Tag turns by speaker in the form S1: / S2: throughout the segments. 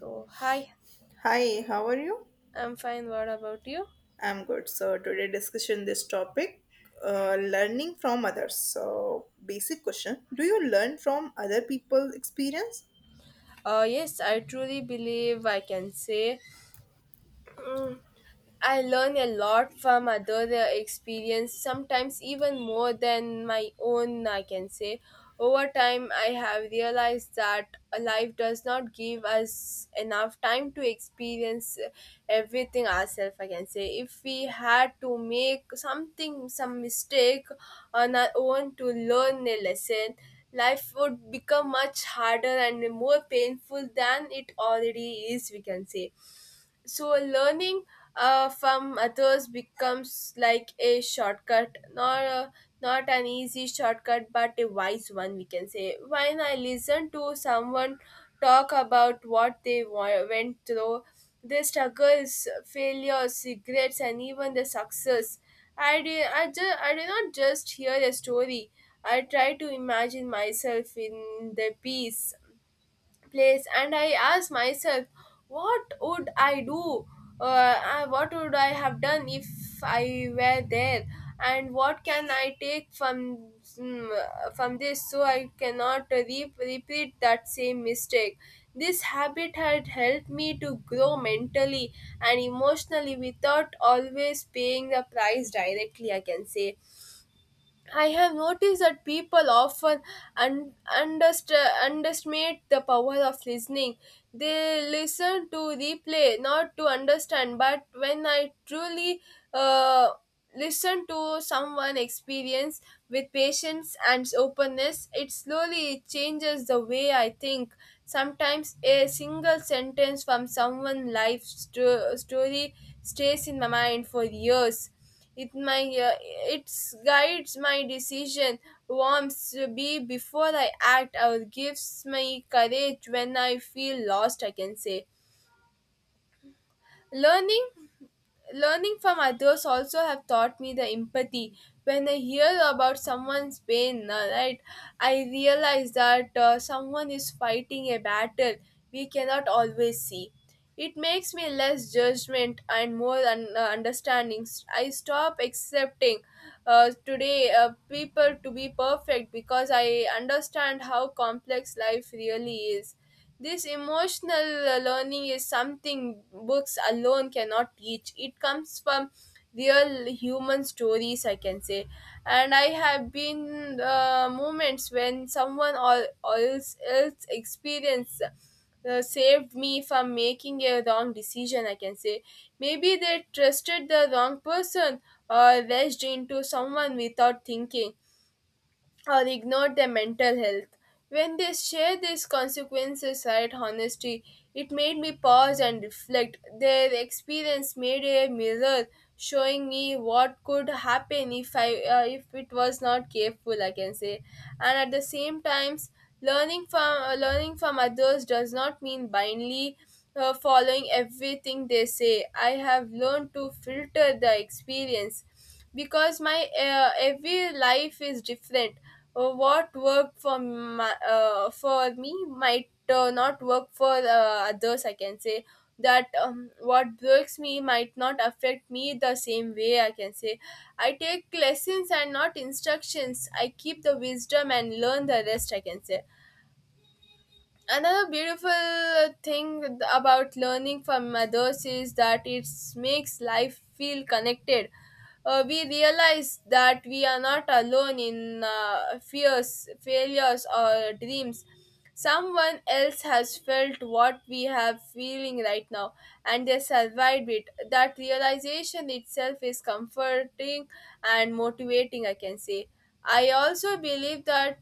S1: So, hi,
S2: Hi, how are you?
S1: I'm fine. What about you?
S2: I'm good. So today discussion this topic, learning from others. So basic question: Do you learn from other people's experience?
S1: Yes, I truly believe, I can say. mm, I learn a lot from other experience, sometimes even more than my own, I can say. Over time, I have realized that life does not give us enough time to experience everything ourselves, I can say. If we had to make something, some mistake on our own to learn a lesson, life would become much harder and more painful than it already is, we can say. So learning from others becomes like a shortcut, not a, not an easy shortcut but a wise one, we can say. When I listen to someone talk about what they went through, their struggles, failures, regrets, and even the success, I do not just hear a story. I try to imagine myself in the piece place, and I asked myself, what would I do? What would I have done if I were there? And what can I take from from this, so I cannot repeat that same mistake. This habit had helped me to grow mentally and emotionally without always paying the price directly, I can say. I have noticed that people often un- underst- underestimate the power of listening. They listen to replay, not to understand. But when I truly uh, listen to someone experience with patience and openness, it slowly changes the way I think. Sometimes a single sentence from someone's life story stays in my mind for years. It my uh, it's guides my decision, warms me before I act, or gives me courage when I feel lost, I can say. Learning. Learning from others also have taught me the empathy. When I hear about someone's pain, right, I realize that, someone is fighting a battle we cannot always see. It makes me less judgment and more understanding. I stop accepting, today, people to be perfect because I understand how complex life really is. This emotional learning is something books alone cannot teach. It comes from real human stories, I can say. And I have been, moments when someone or else experience saved me from making a wrong decision, I can say. Maybe they trusted the wrong person, or rushed into someone without thinking, or ignore their mental health. When they share these consequences right honesty, it made me pause and reflect. Their experience made a mirror showing me what could happen if I, if it was not careful, I can say. And at the same times, learning from others does not mean blindly following everything they say. I have learned to filter the experience because my, every life is different. What worked for my, for me might not work for others, I can say. That, what works me might not affect me the same way, I can say. I take lessons and not instructions. I keep the wisdom and learn the rest, I can say. Another beautiful thing about learning from others is that it makes life feel connected. We realize that we are not alone in, fears, failures, or dreams. Someone else has felt what we have feeling right now, and they survived it. That realization itself is comforting and motivating, I can say. I also believe that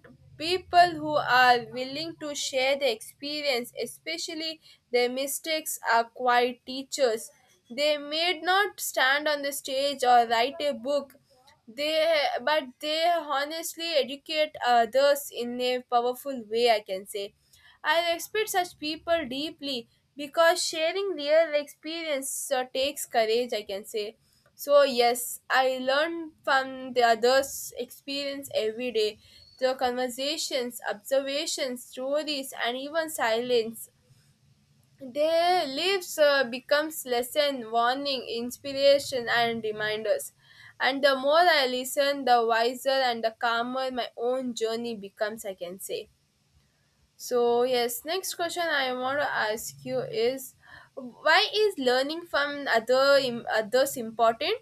S1: people who are willing to share their experience, especially their mistakes, are quite teachers. They may not stand on the stage or write a book, they but they honestly educate others in a powerful way, I can say. I respect such people deeply because sharing real experience takes courage, I can say. So, yes, I learn from the others' experience every day. The conversations, observations, stories, and even silence. Their lives becomes lesson, warning, inspiration, and reminders. And the more I listen, the wiser and the calmer my own journey becomes, I can say. So yes, next question I want to ask you is, why is learning from other others important?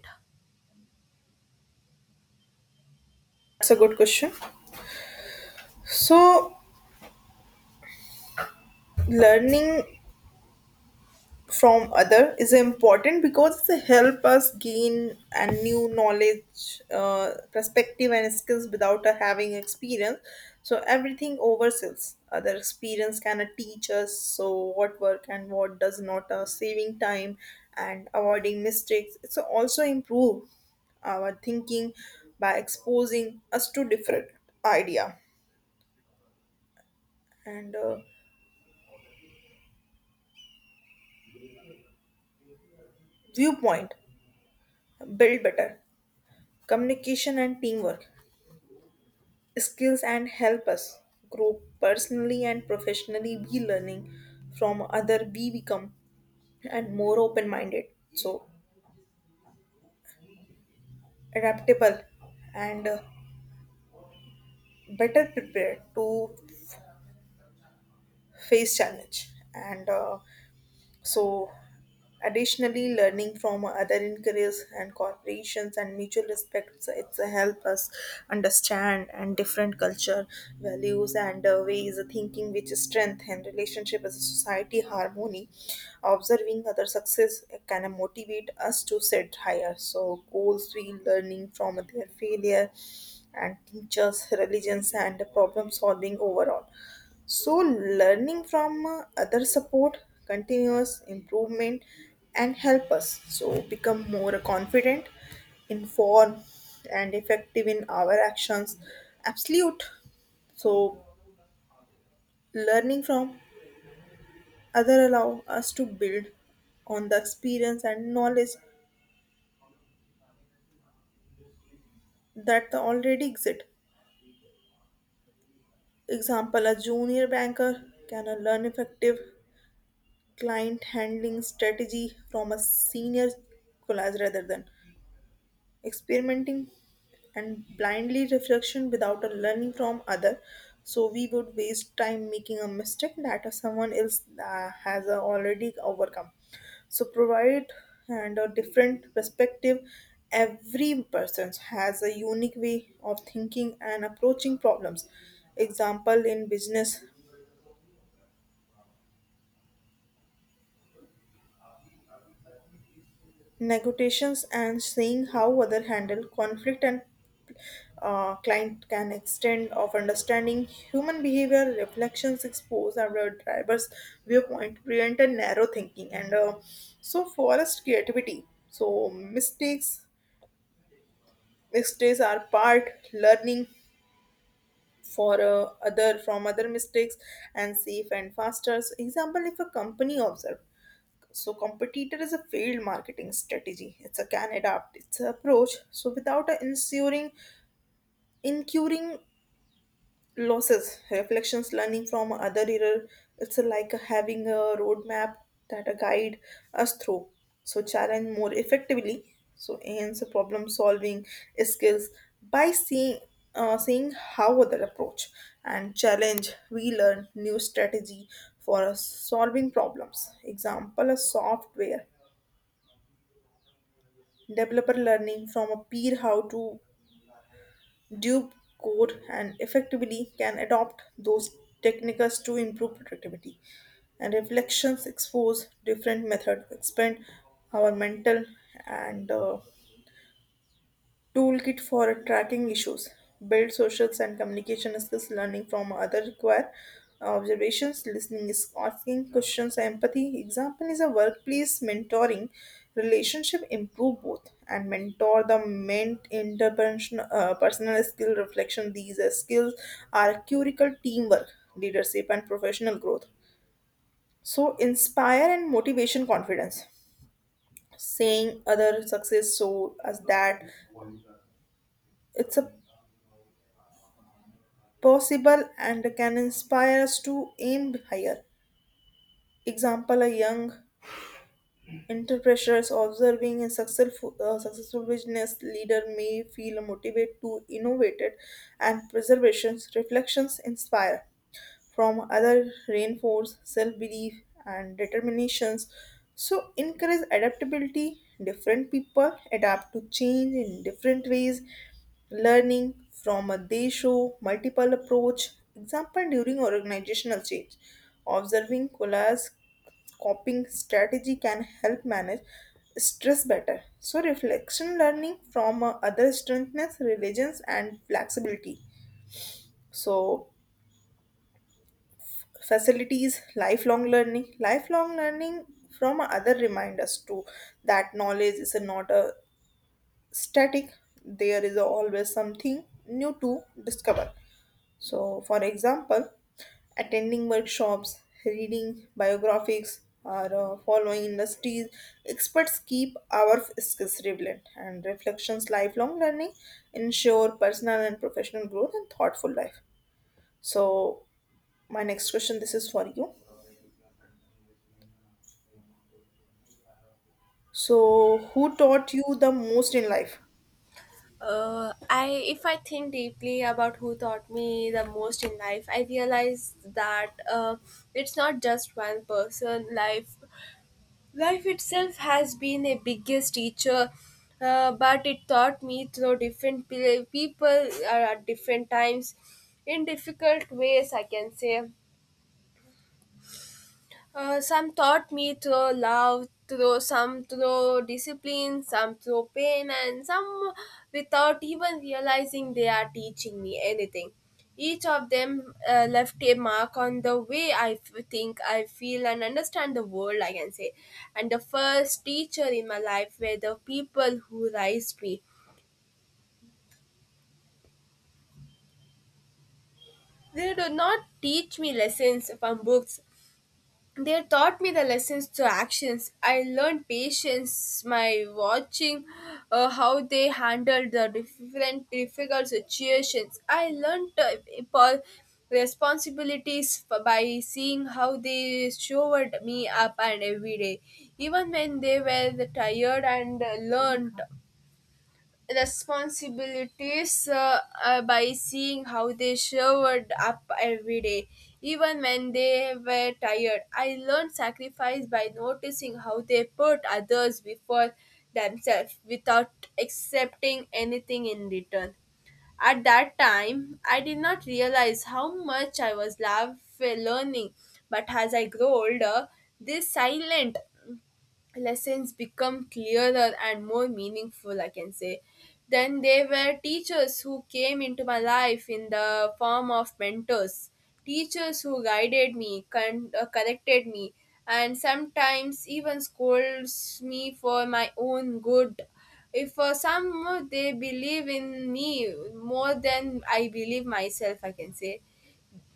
S2: That's a good question. So learning from other is important because it help us gain a new knowledge, perspective and skills without having experience. So everything oversells other experience can teach us so what work and what does not, saving time and avoiding mistakes. It's also improve our thinking by exposing us to different idea and viewpoint, build better communication and teamwork skills and help us grow personally and professionally. We learning from other, we become and more open minded, so adaptable and better prepared to face challenge and so Additionally, learning from other in careers and corporations and mutual respects it's help us understand and different culture, values and ways of thinking which strengthen relationship as a society harmony. Observing other success can motivate us to set higher so goals. We learning from their failure and teachers, religions and problem solving overall. So, learning from other support, continuous improvement, and help us so become more confident, informed, and effective in our actions. Absolute. So, learning from other allow us to build on the experience and knowledge that the already exist. Example: A junior banker can learn effective client handling strategy from a senior collaborator rather than experimenting and blindly reflection without a learning from other, so we would waste time making a mistake that someone else has already overcome. So provide and a different perspective. Every person has a unique way of thinking and approaching problems. Example in business negotiations and seeing how other handle conflict and client can extend of understanding human behavior reflections expose our driver's viewpoint, prevent a narrow thinking and so forest creativity. So mistakes are part learning for other from other mistakes and safe and faster. So example, if a company observe so, competitor is a failed marketing strategy. It's a can adapt its approach. So, without a ensuring incurring losses, reflections, learning from other error, it's like having a roadmap that a guide us through. So, challenge more effectively. So, enhance problem solving skills by seeing how other approach and challenge, we learn new strategy for solving problems. Example: a software Developer learning from a peer how to debug code and effectively can adopt those techniques to improve productivity. And reflections expose different methods, expand our mental and Toolkit for tracking issues. Build social and communication skills. Learning from other require observations, listening is asking questions, empathy. Example is a workplace mentoring relationship improve both and mentor the meant interpersonal personal skill reflection. These skills are curical teamwork, leadership, and professional growth. So inspire and motivation confidence. Saying other success so as that it's a possible and can inspire us to aim higher. Example: A young entrepreneur observing a successful, successful business leader may feel motivated to innovate and preservations reflections inspire from other reinforce self-belief and determinations. So encourage adaptability. Different people adapt to change in different ways, learning from, a they show multiple approach. Example, during organizational change, observing colla's coping strategy can help manage stress better. So reflection, learning from other strengths religions and flexibility. So facilities lifelong learning. Lifelong learning from other remind us too that knowledge is not a static. There is always something new to discover. So for example, attending workshops, reading biographies or following industries experts keep our skills relevant, and reflections lifelong learning ensure personal and professional growth and thoughtful life. So my next question this is for you. So, who taught you the most in life?
S1: I If I think deeply about who taught me the most in life, I realize that, it's not just one person. Life itself has been a biggest teacher, but it taught me through different people, at different times, in difficult ways, I can say. Some taught me through love, through some through discipline, some through pain, and some without even realizing they are teaching me anything. Each of them left a mark on the way I think, I feel, and understand the world, I can say. And the first teacher in my life were the people who raised me. They do not teach me lessons from books. They taught me the lessons to actions. I learned patience by watching how they handled the different difficult situations. I learned, po- responsibilities, by seeing how they showed me up and every day. Even when they were tired and, learned responsibilities, by seeing how they showed up every day, even when they were tired. I learned sacrifice by noticing how they put others before themselves without accepting anything in return. At that time, I did not realize how much I was love learning, but as I grew older, this silent lessons become clearer and more meaningful, I can say. Then there were teachers who came into my life in the form of mentors, teachers who guided me, corrected me, and sometimes even scolds me for my own good. If for some they believe in me more than I believe myself, I can say.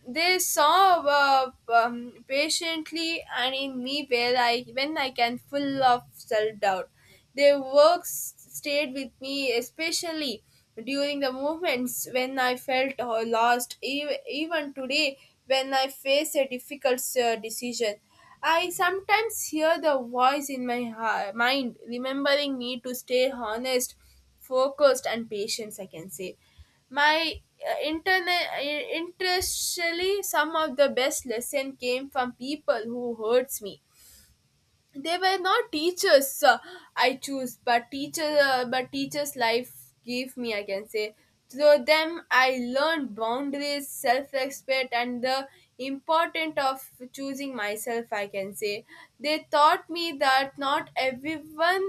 S1: They saw, patiently and in me where I when I can full of self doubt. Their works stayed with me, especially during the moments when I felt lost. Even today, when I face a difficult decision, I sometimes hear the voice in my mind remembering me to stay honest, focused, and patient, I can say. My internet interestingly, some of the best lesson came from people who hurts me. They were not teachers I choose, but teachers life gave me, I can say. Through them I learned boundaries, self-respect, and the importance of choosing myself, I can say. They taught me that not everyone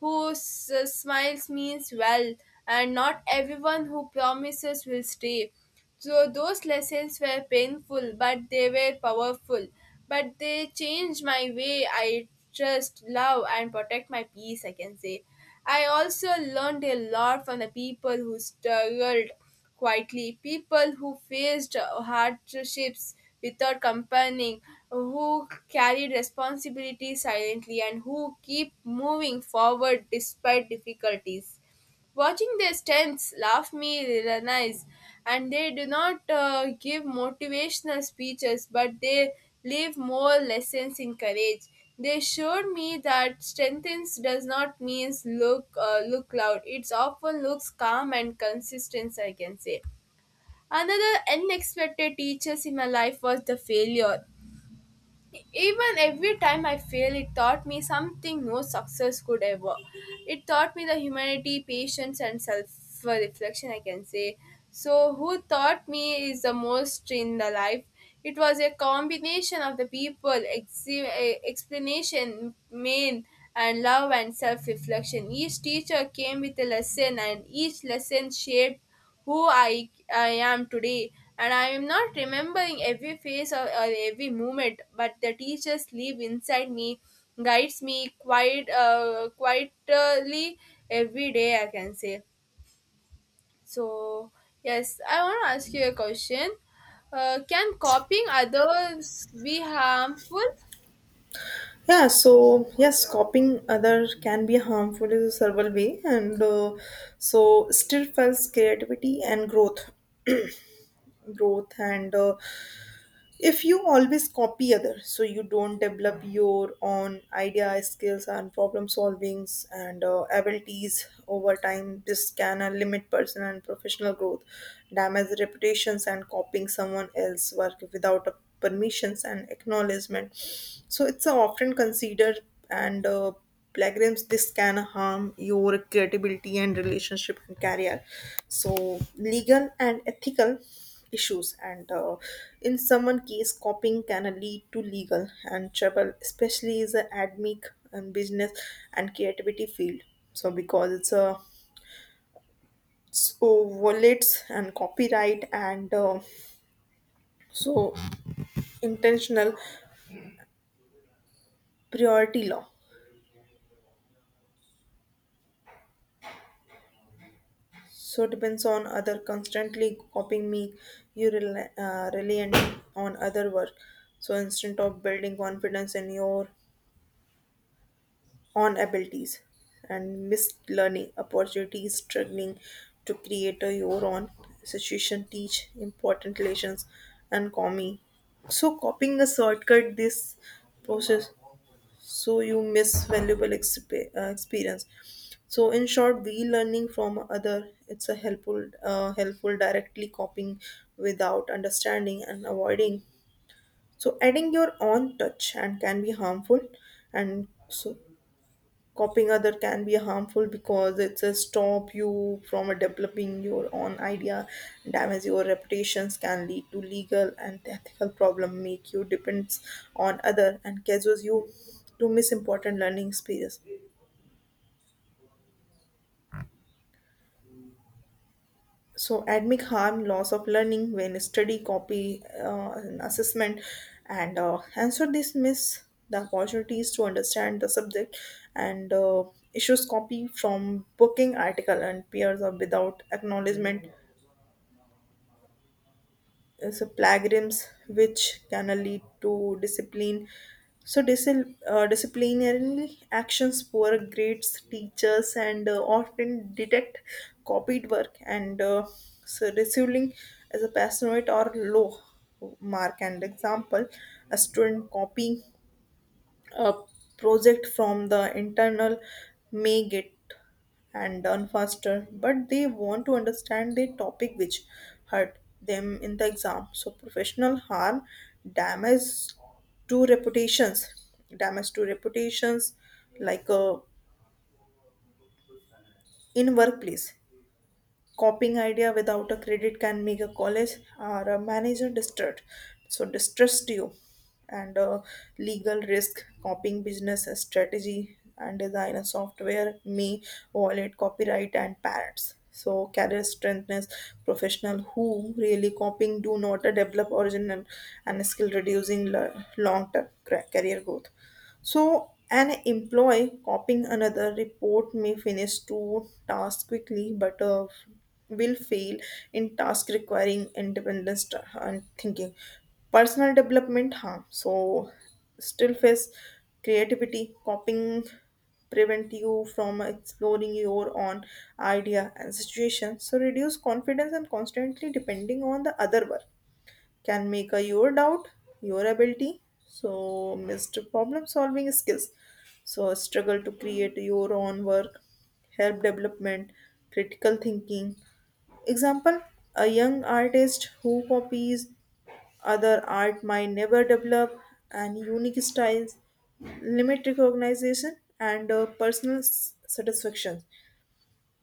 S1: who smiles means well, and not everyone who promises will stay. So those lessons were painful, but they were powerful. But they changed my way I trust, love, and protect my peace, I can say. I also learned a lot from the people who struggled quietly, people who faced hardships without complaining, who carried responsibility silently, and who keep moving forward despite difficulties. Watching their stunts, laugh me, realize, and they do not give motivational speeches, but they leave more lessons in courage. They showed me that strengthens does not means look loud. It's often looks calm and consistent, I can say. Another unexpected teachers in my life was the failure. Even every time I fail, it taught me something no success could ever. It taught me the humanity, patience, and self reflection, I can say. So, who taught me is the most in the life? It was a combination of the people, explanation, main, and love and self reflection. Each teacher came with a lesson, and each lesson shaped who I am today. And I am not remembering every face or every moment, but the teachers live inside me, guides me quite quietly every day, I can say. So, yes, I want to ask you a question. Can copying others be harmful?
S2: Yeah, so yes, copying other can be harmful in a several way, and so still fuels creativity and growth, and if you always copy others so you don't develop your own idea, skills and problem solvings and abilities over time. This can limit personal and professional growth, damage reputations, and copying someone else's work without a permissions and acknowledgement, so it's often considered and plagiarism. This can harm your credibility and relationship and career. So legal and ethical issues and in someone case copying can lead to legal and trouble, especially is the admic and business and creativity field. So because it's a so violates and copyright and so intentional priority law. So depends on other constantly copying me, you reliant on other work, so instead of building confidence in your on abilities and missed learning opportunities, struggling to create a your own situation teach important lessons and coming. So copying a shortcut this process, so you miss valuable experience. So in short we learning from other it's a helpful, helpful directly copying without understanding and avoiding. So adding your own touch and can be harmful and so. Copying other can be harmful because it's a stop you from developing your own idea, damage your reputations, can lead to legal and ethical problem, make you depends on other, and causes you to miss important learning experience. So academic harm, loss of learning when study copy and assessment and answer this miss the opportunities to understand the subject and issues copy from booking article and peers or without acknowledgement, so plagiarisms which can lead to discipline, so disciplinary actions, poor grades. Teachers and often detect copied work and so receiving as a passionate or low mark. And example a student copying a project from the internal may get and done faster but they want to understand the topic which hurt them in the exam. So professional harm, damage to reputations damage to reputations, like in workplace. Copying idea without a credit can make a college or a manager distraught. So distrust you and legal risk, copying business strategy and design a software, may violate copyright and patents. So career strengthness, professional who really copying do not develop original and skill reducing long term career growth. So, an employee copying another report may finish two tasks quickly but will fail in task requiring independence and thinking. Personal development, huh? So, still face creativity, copying prevent you from exploring your own idea and situation so reduce confidence and constantly depending on the other work can make a your doubt your ability. So missed problem solving skills. So struggle to create your own work, help development critical thinking. Example: a young artist who copies other art might never develop an unique styles, limit recognition and personal satisfaction.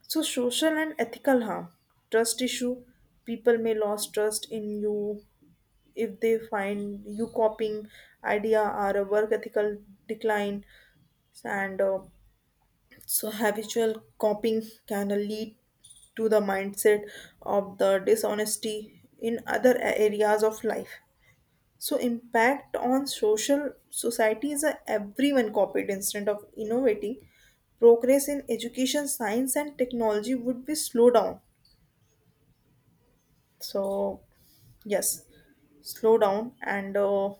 S2: So social and ethical harm, trust issue. People may lose trust in you if they find you copying idea or a work. Ethical decline and so habitual copying can lead to the mindset of the dishonesty in other areas of life. So impact on social society is a everyone copied instead of innovating, progress in education, science and technology would be slow down. So yes, slow down and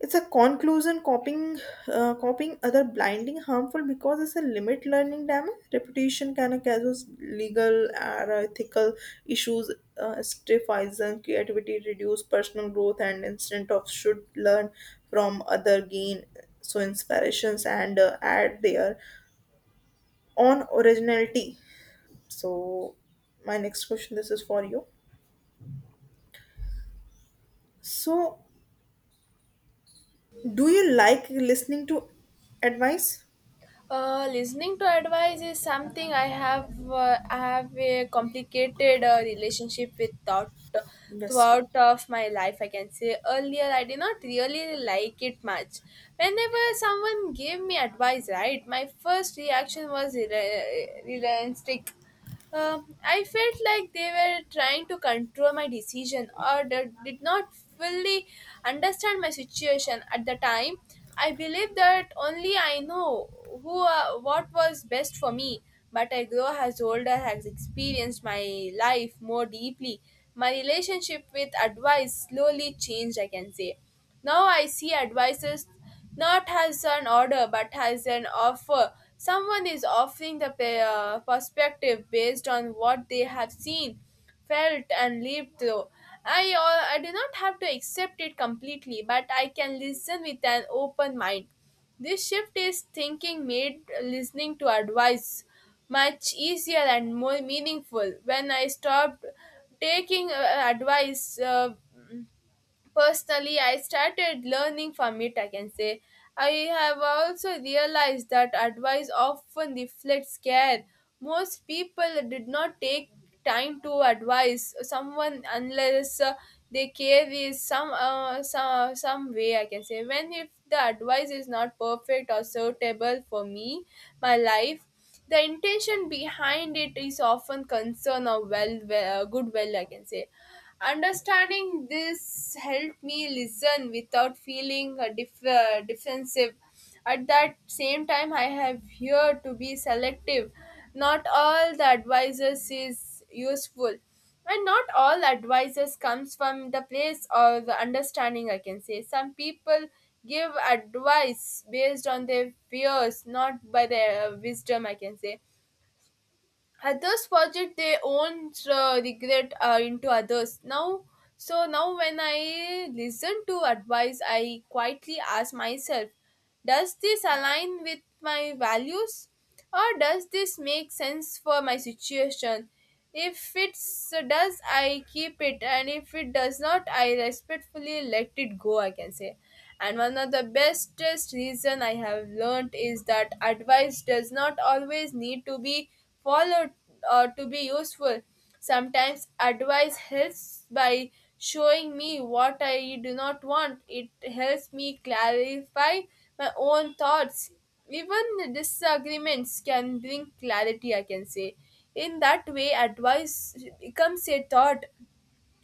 S2: it's a conclusion. Copying other blinding harmful because it's a limit learning, damage. Reputation can cause legal and ethical issues, stifles and creativity, reduce personal growth, and instant of should learn from other, gain so inspirations and add their own originality. So my next question this is for you. So do you like listening to advice?
S1: Listening to advice is something I have. I have a complicated relationship with thought,
S2: Yes.
S1: throughout of my life, I can say. Earlier I did not really like it much. Whenever someone gave me advice, right, my first reaction was realistic. I felt like they were trying to control my decision or did not fully understand my situation at the time. I believe that only I know who, what was best for me, but I grow as older has experienced my life more deeply. My relationship with advice slowly changed, I can say. Now I see advices not as an order, but as an offer. Someone is offering the perspective based on what they have seen, felt, and lived through. I do not have to accept it completely, but I can listen with an open mind. This shift is thinking made listening to advice much easier and more meaningful. When I stopped taking advice, personally, I started learning from it, I can say. I have also realized that advice often reflects care. Most people did not take time to advise someone unless, they care is some, some way, I can say. When if the advice is not perfect or suitable for me, my life, the intention behind it is often concern or good well, I can say. Understanding this helped me listen without feeling, defensive. At that same time, I have here to be selective. Not all the advisors is useful, and not all advisors comes from the place or the understanding, I can say. Some people give advice based on their fears, not by their wisdom, I can say. Others project their own regret into others now. So now when I listen to advice, I quietly ask myself, does this align with my values? Or does this make sense for my situation? If it does, I keep it, and if it does not, I respectfully let it go, I can say. And one of the bestest reason I have learned is that advice does not always need to be followed or to be useful. Sometimes advice helps by showing me what I do not want. It helps me clarify my own thoughts. Even the disagreements can bring clarity, I can say. In that way, advice becomes a thought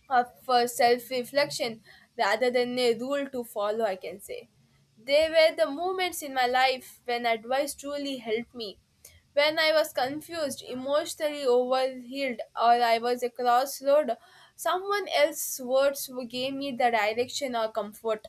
S1: of for self-reflection rather than a rule to follow, I can say. They were the moments in my life when advice truly helped me, when I was confused, emotionally overhealed, or I was a crossroad. Someone else's words gave me the direction or comfort.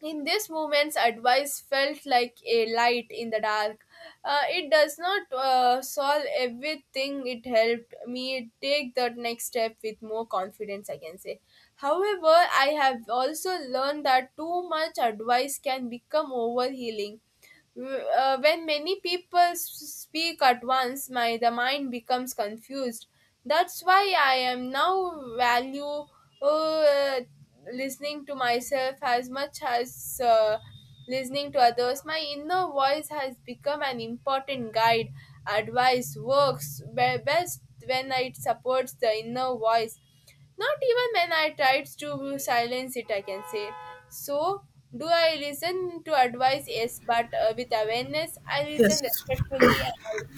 S1: In this moment's advice felt like a light in the dark. It does not solve everything, it helped me take the next step with more confidence, I can say. However, I have also learned that too much advice can become overhealing. When many people speak at once, my the mind becomes confused. That's why I am now value, uh, listening to myself as much as listening to others. My inner voice has become an important guide. Advice works best when it supports the inner voice not even when I tried to silence it, I can say. So, do I listen to advice? Yes, but with awareness, I listen
S2: Yes.
S1: respectfully and I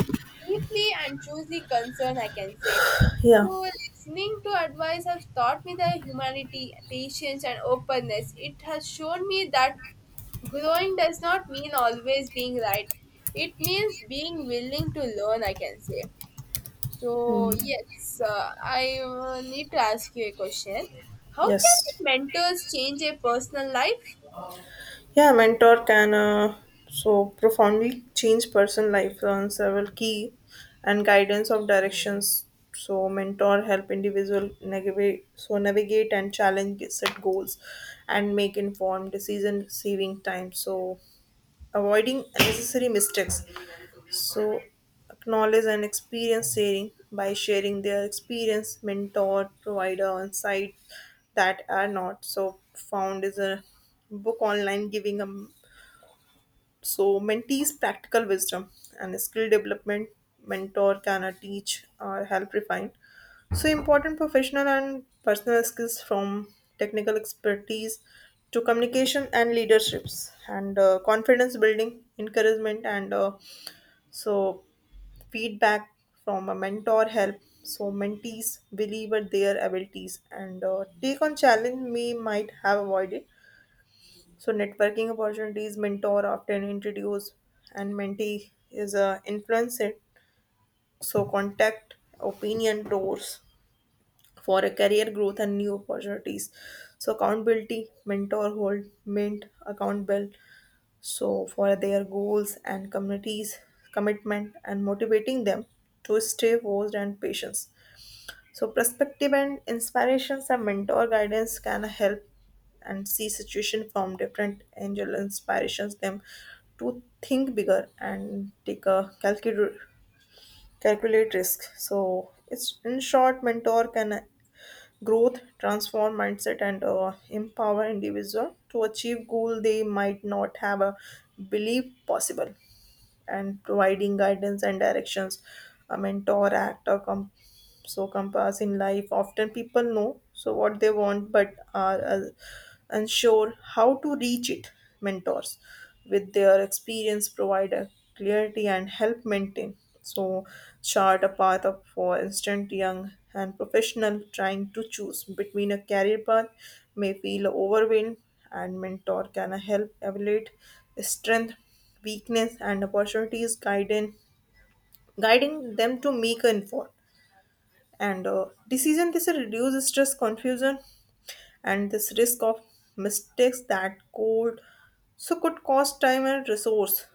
S1: deeply and choosely concern, I can say.
S2: Yeah.
S1: So, listening to advice has taught me the humanity, patience, and openness. It has shown me that growing does not mean always being right. It means being willing to learn, I can say.
S2: Hmm.
S1: So yes, I need to ask you a question. How can
S2: Yes.
S1: mentors change a personal life?
S2: Yeah, mentor can so profoundly change person life on several key and guidance of directions. So mentor help individual navigate, so navigate and challenge set goals and make informed decision saving time. So avoiding unnecessary mistakes. So acknowledge and experience sharing by sharing their experience, mentor provider and site that are not so found is a book online, giving them so mentees practical wisdom and skill development. Mentor can teach or help refine so important professional and personal skills from technical expertise to communication and leaderships and confidence building, encouragement and so feedback from a mentor help so mentees believe at their abilities and take on challenge we might have avoided. So networking opportunities, mentor often introduce and mentee is influenced so contact opinion doors for a career growth and new opportunities. So accountability, mentor hold mint account so for their goals and communities commitment and motivating them to stay focused and patience. So perspective and inspirations and mentor guidance can help and see situation from different angel, inspirations them to think bigger and take a calculate risk. So it's in short, mentor can growth, transform mindset, and empower individual to achieve goal they might not have a belief possible. And providing guidance and directions, a mentor, act, or so compass in life. Often people know so what they want but are unsure how to reach it. Mentors with their experience provide a clarity and help maintain so chart a path up. For instant young and professional trying to choose between a career path may feel overwhelmed, and mentor can help evaluate strength, weakness and opportunities, guiding them to make an informed and decision. This reduces stress, confusion and this risk of mistakes that could so could cost time and resource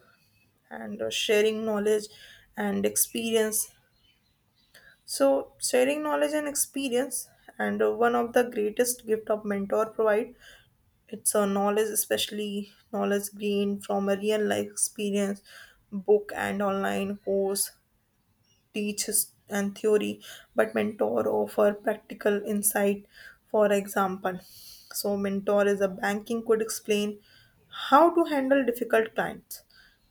S2: and sharing knowledge and experience. So sharing knowledge and experience and one of the greatest gift of mentor provide it's a knowledge, especially knowledge gained from a real life experience. Book and online course teaches and theory, but mentor offer practical insight. For example, so mentor is a banking could explain how to handle difficult clients,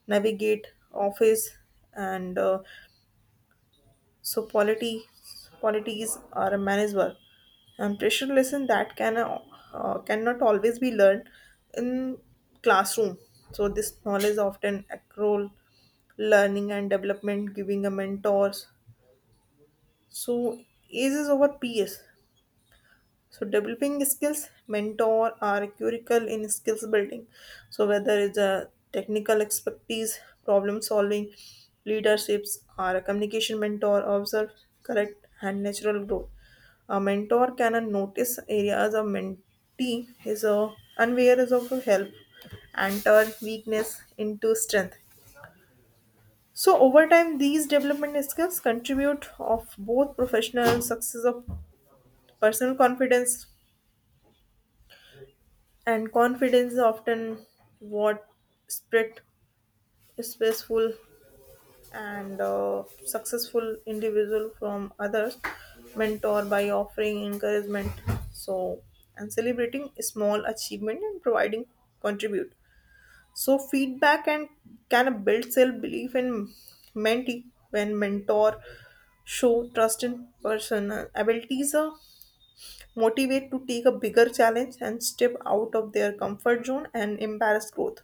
S2: navigate office and so quality qualities are a manager and pressure lesson that can cannot always be learned in classroom. So this knowledge often accrual learning and development giving a mentors so A's is over PS. So developing skills, mentor are critical in skills building. So whether it's a technical expertise, problem solving, leaderships, or a communication, mentor, observe, correct, and natural growth. A mentor can notice areas a mentee is a unaware is of help and turn weakness into strength. So over time, these development skills contribute of both professional success of Personal confidence. And confidence is often what split successful and successful individual from others. Mentor by offering encouragement so and celebrating small achievement and providing contribute so feedback and can build self belief in mentee. When mentor show trust in person abilities, motivate to take a bigger challenge and step out of their comfort zone and embrace growth.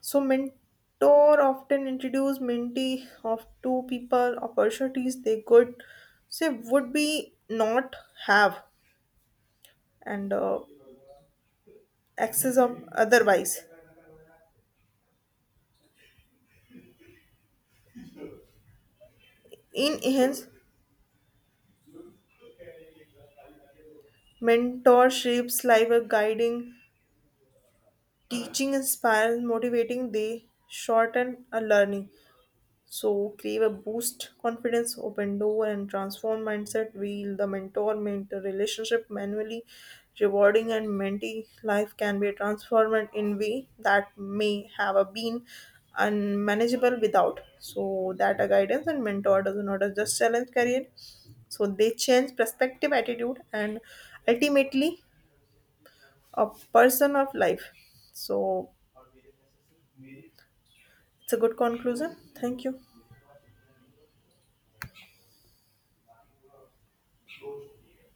S2: So mentor often introduce mentee of two people opportunities they could say would be not have and access of otherwise. In hence, mentor shapes life a guiding, teaching, inspires, motivating. They shorten a learning. So create a boost confidence, open door and transform mindset, wheel the mentor relationship manually, rewarding and mentee life can be transformed in way that may have a been unmanageable without. So that a guidance and mentor does not just challenge career. So they change perspective, attitude and ultimately a person of life. So it's a good conclusion. Thank you.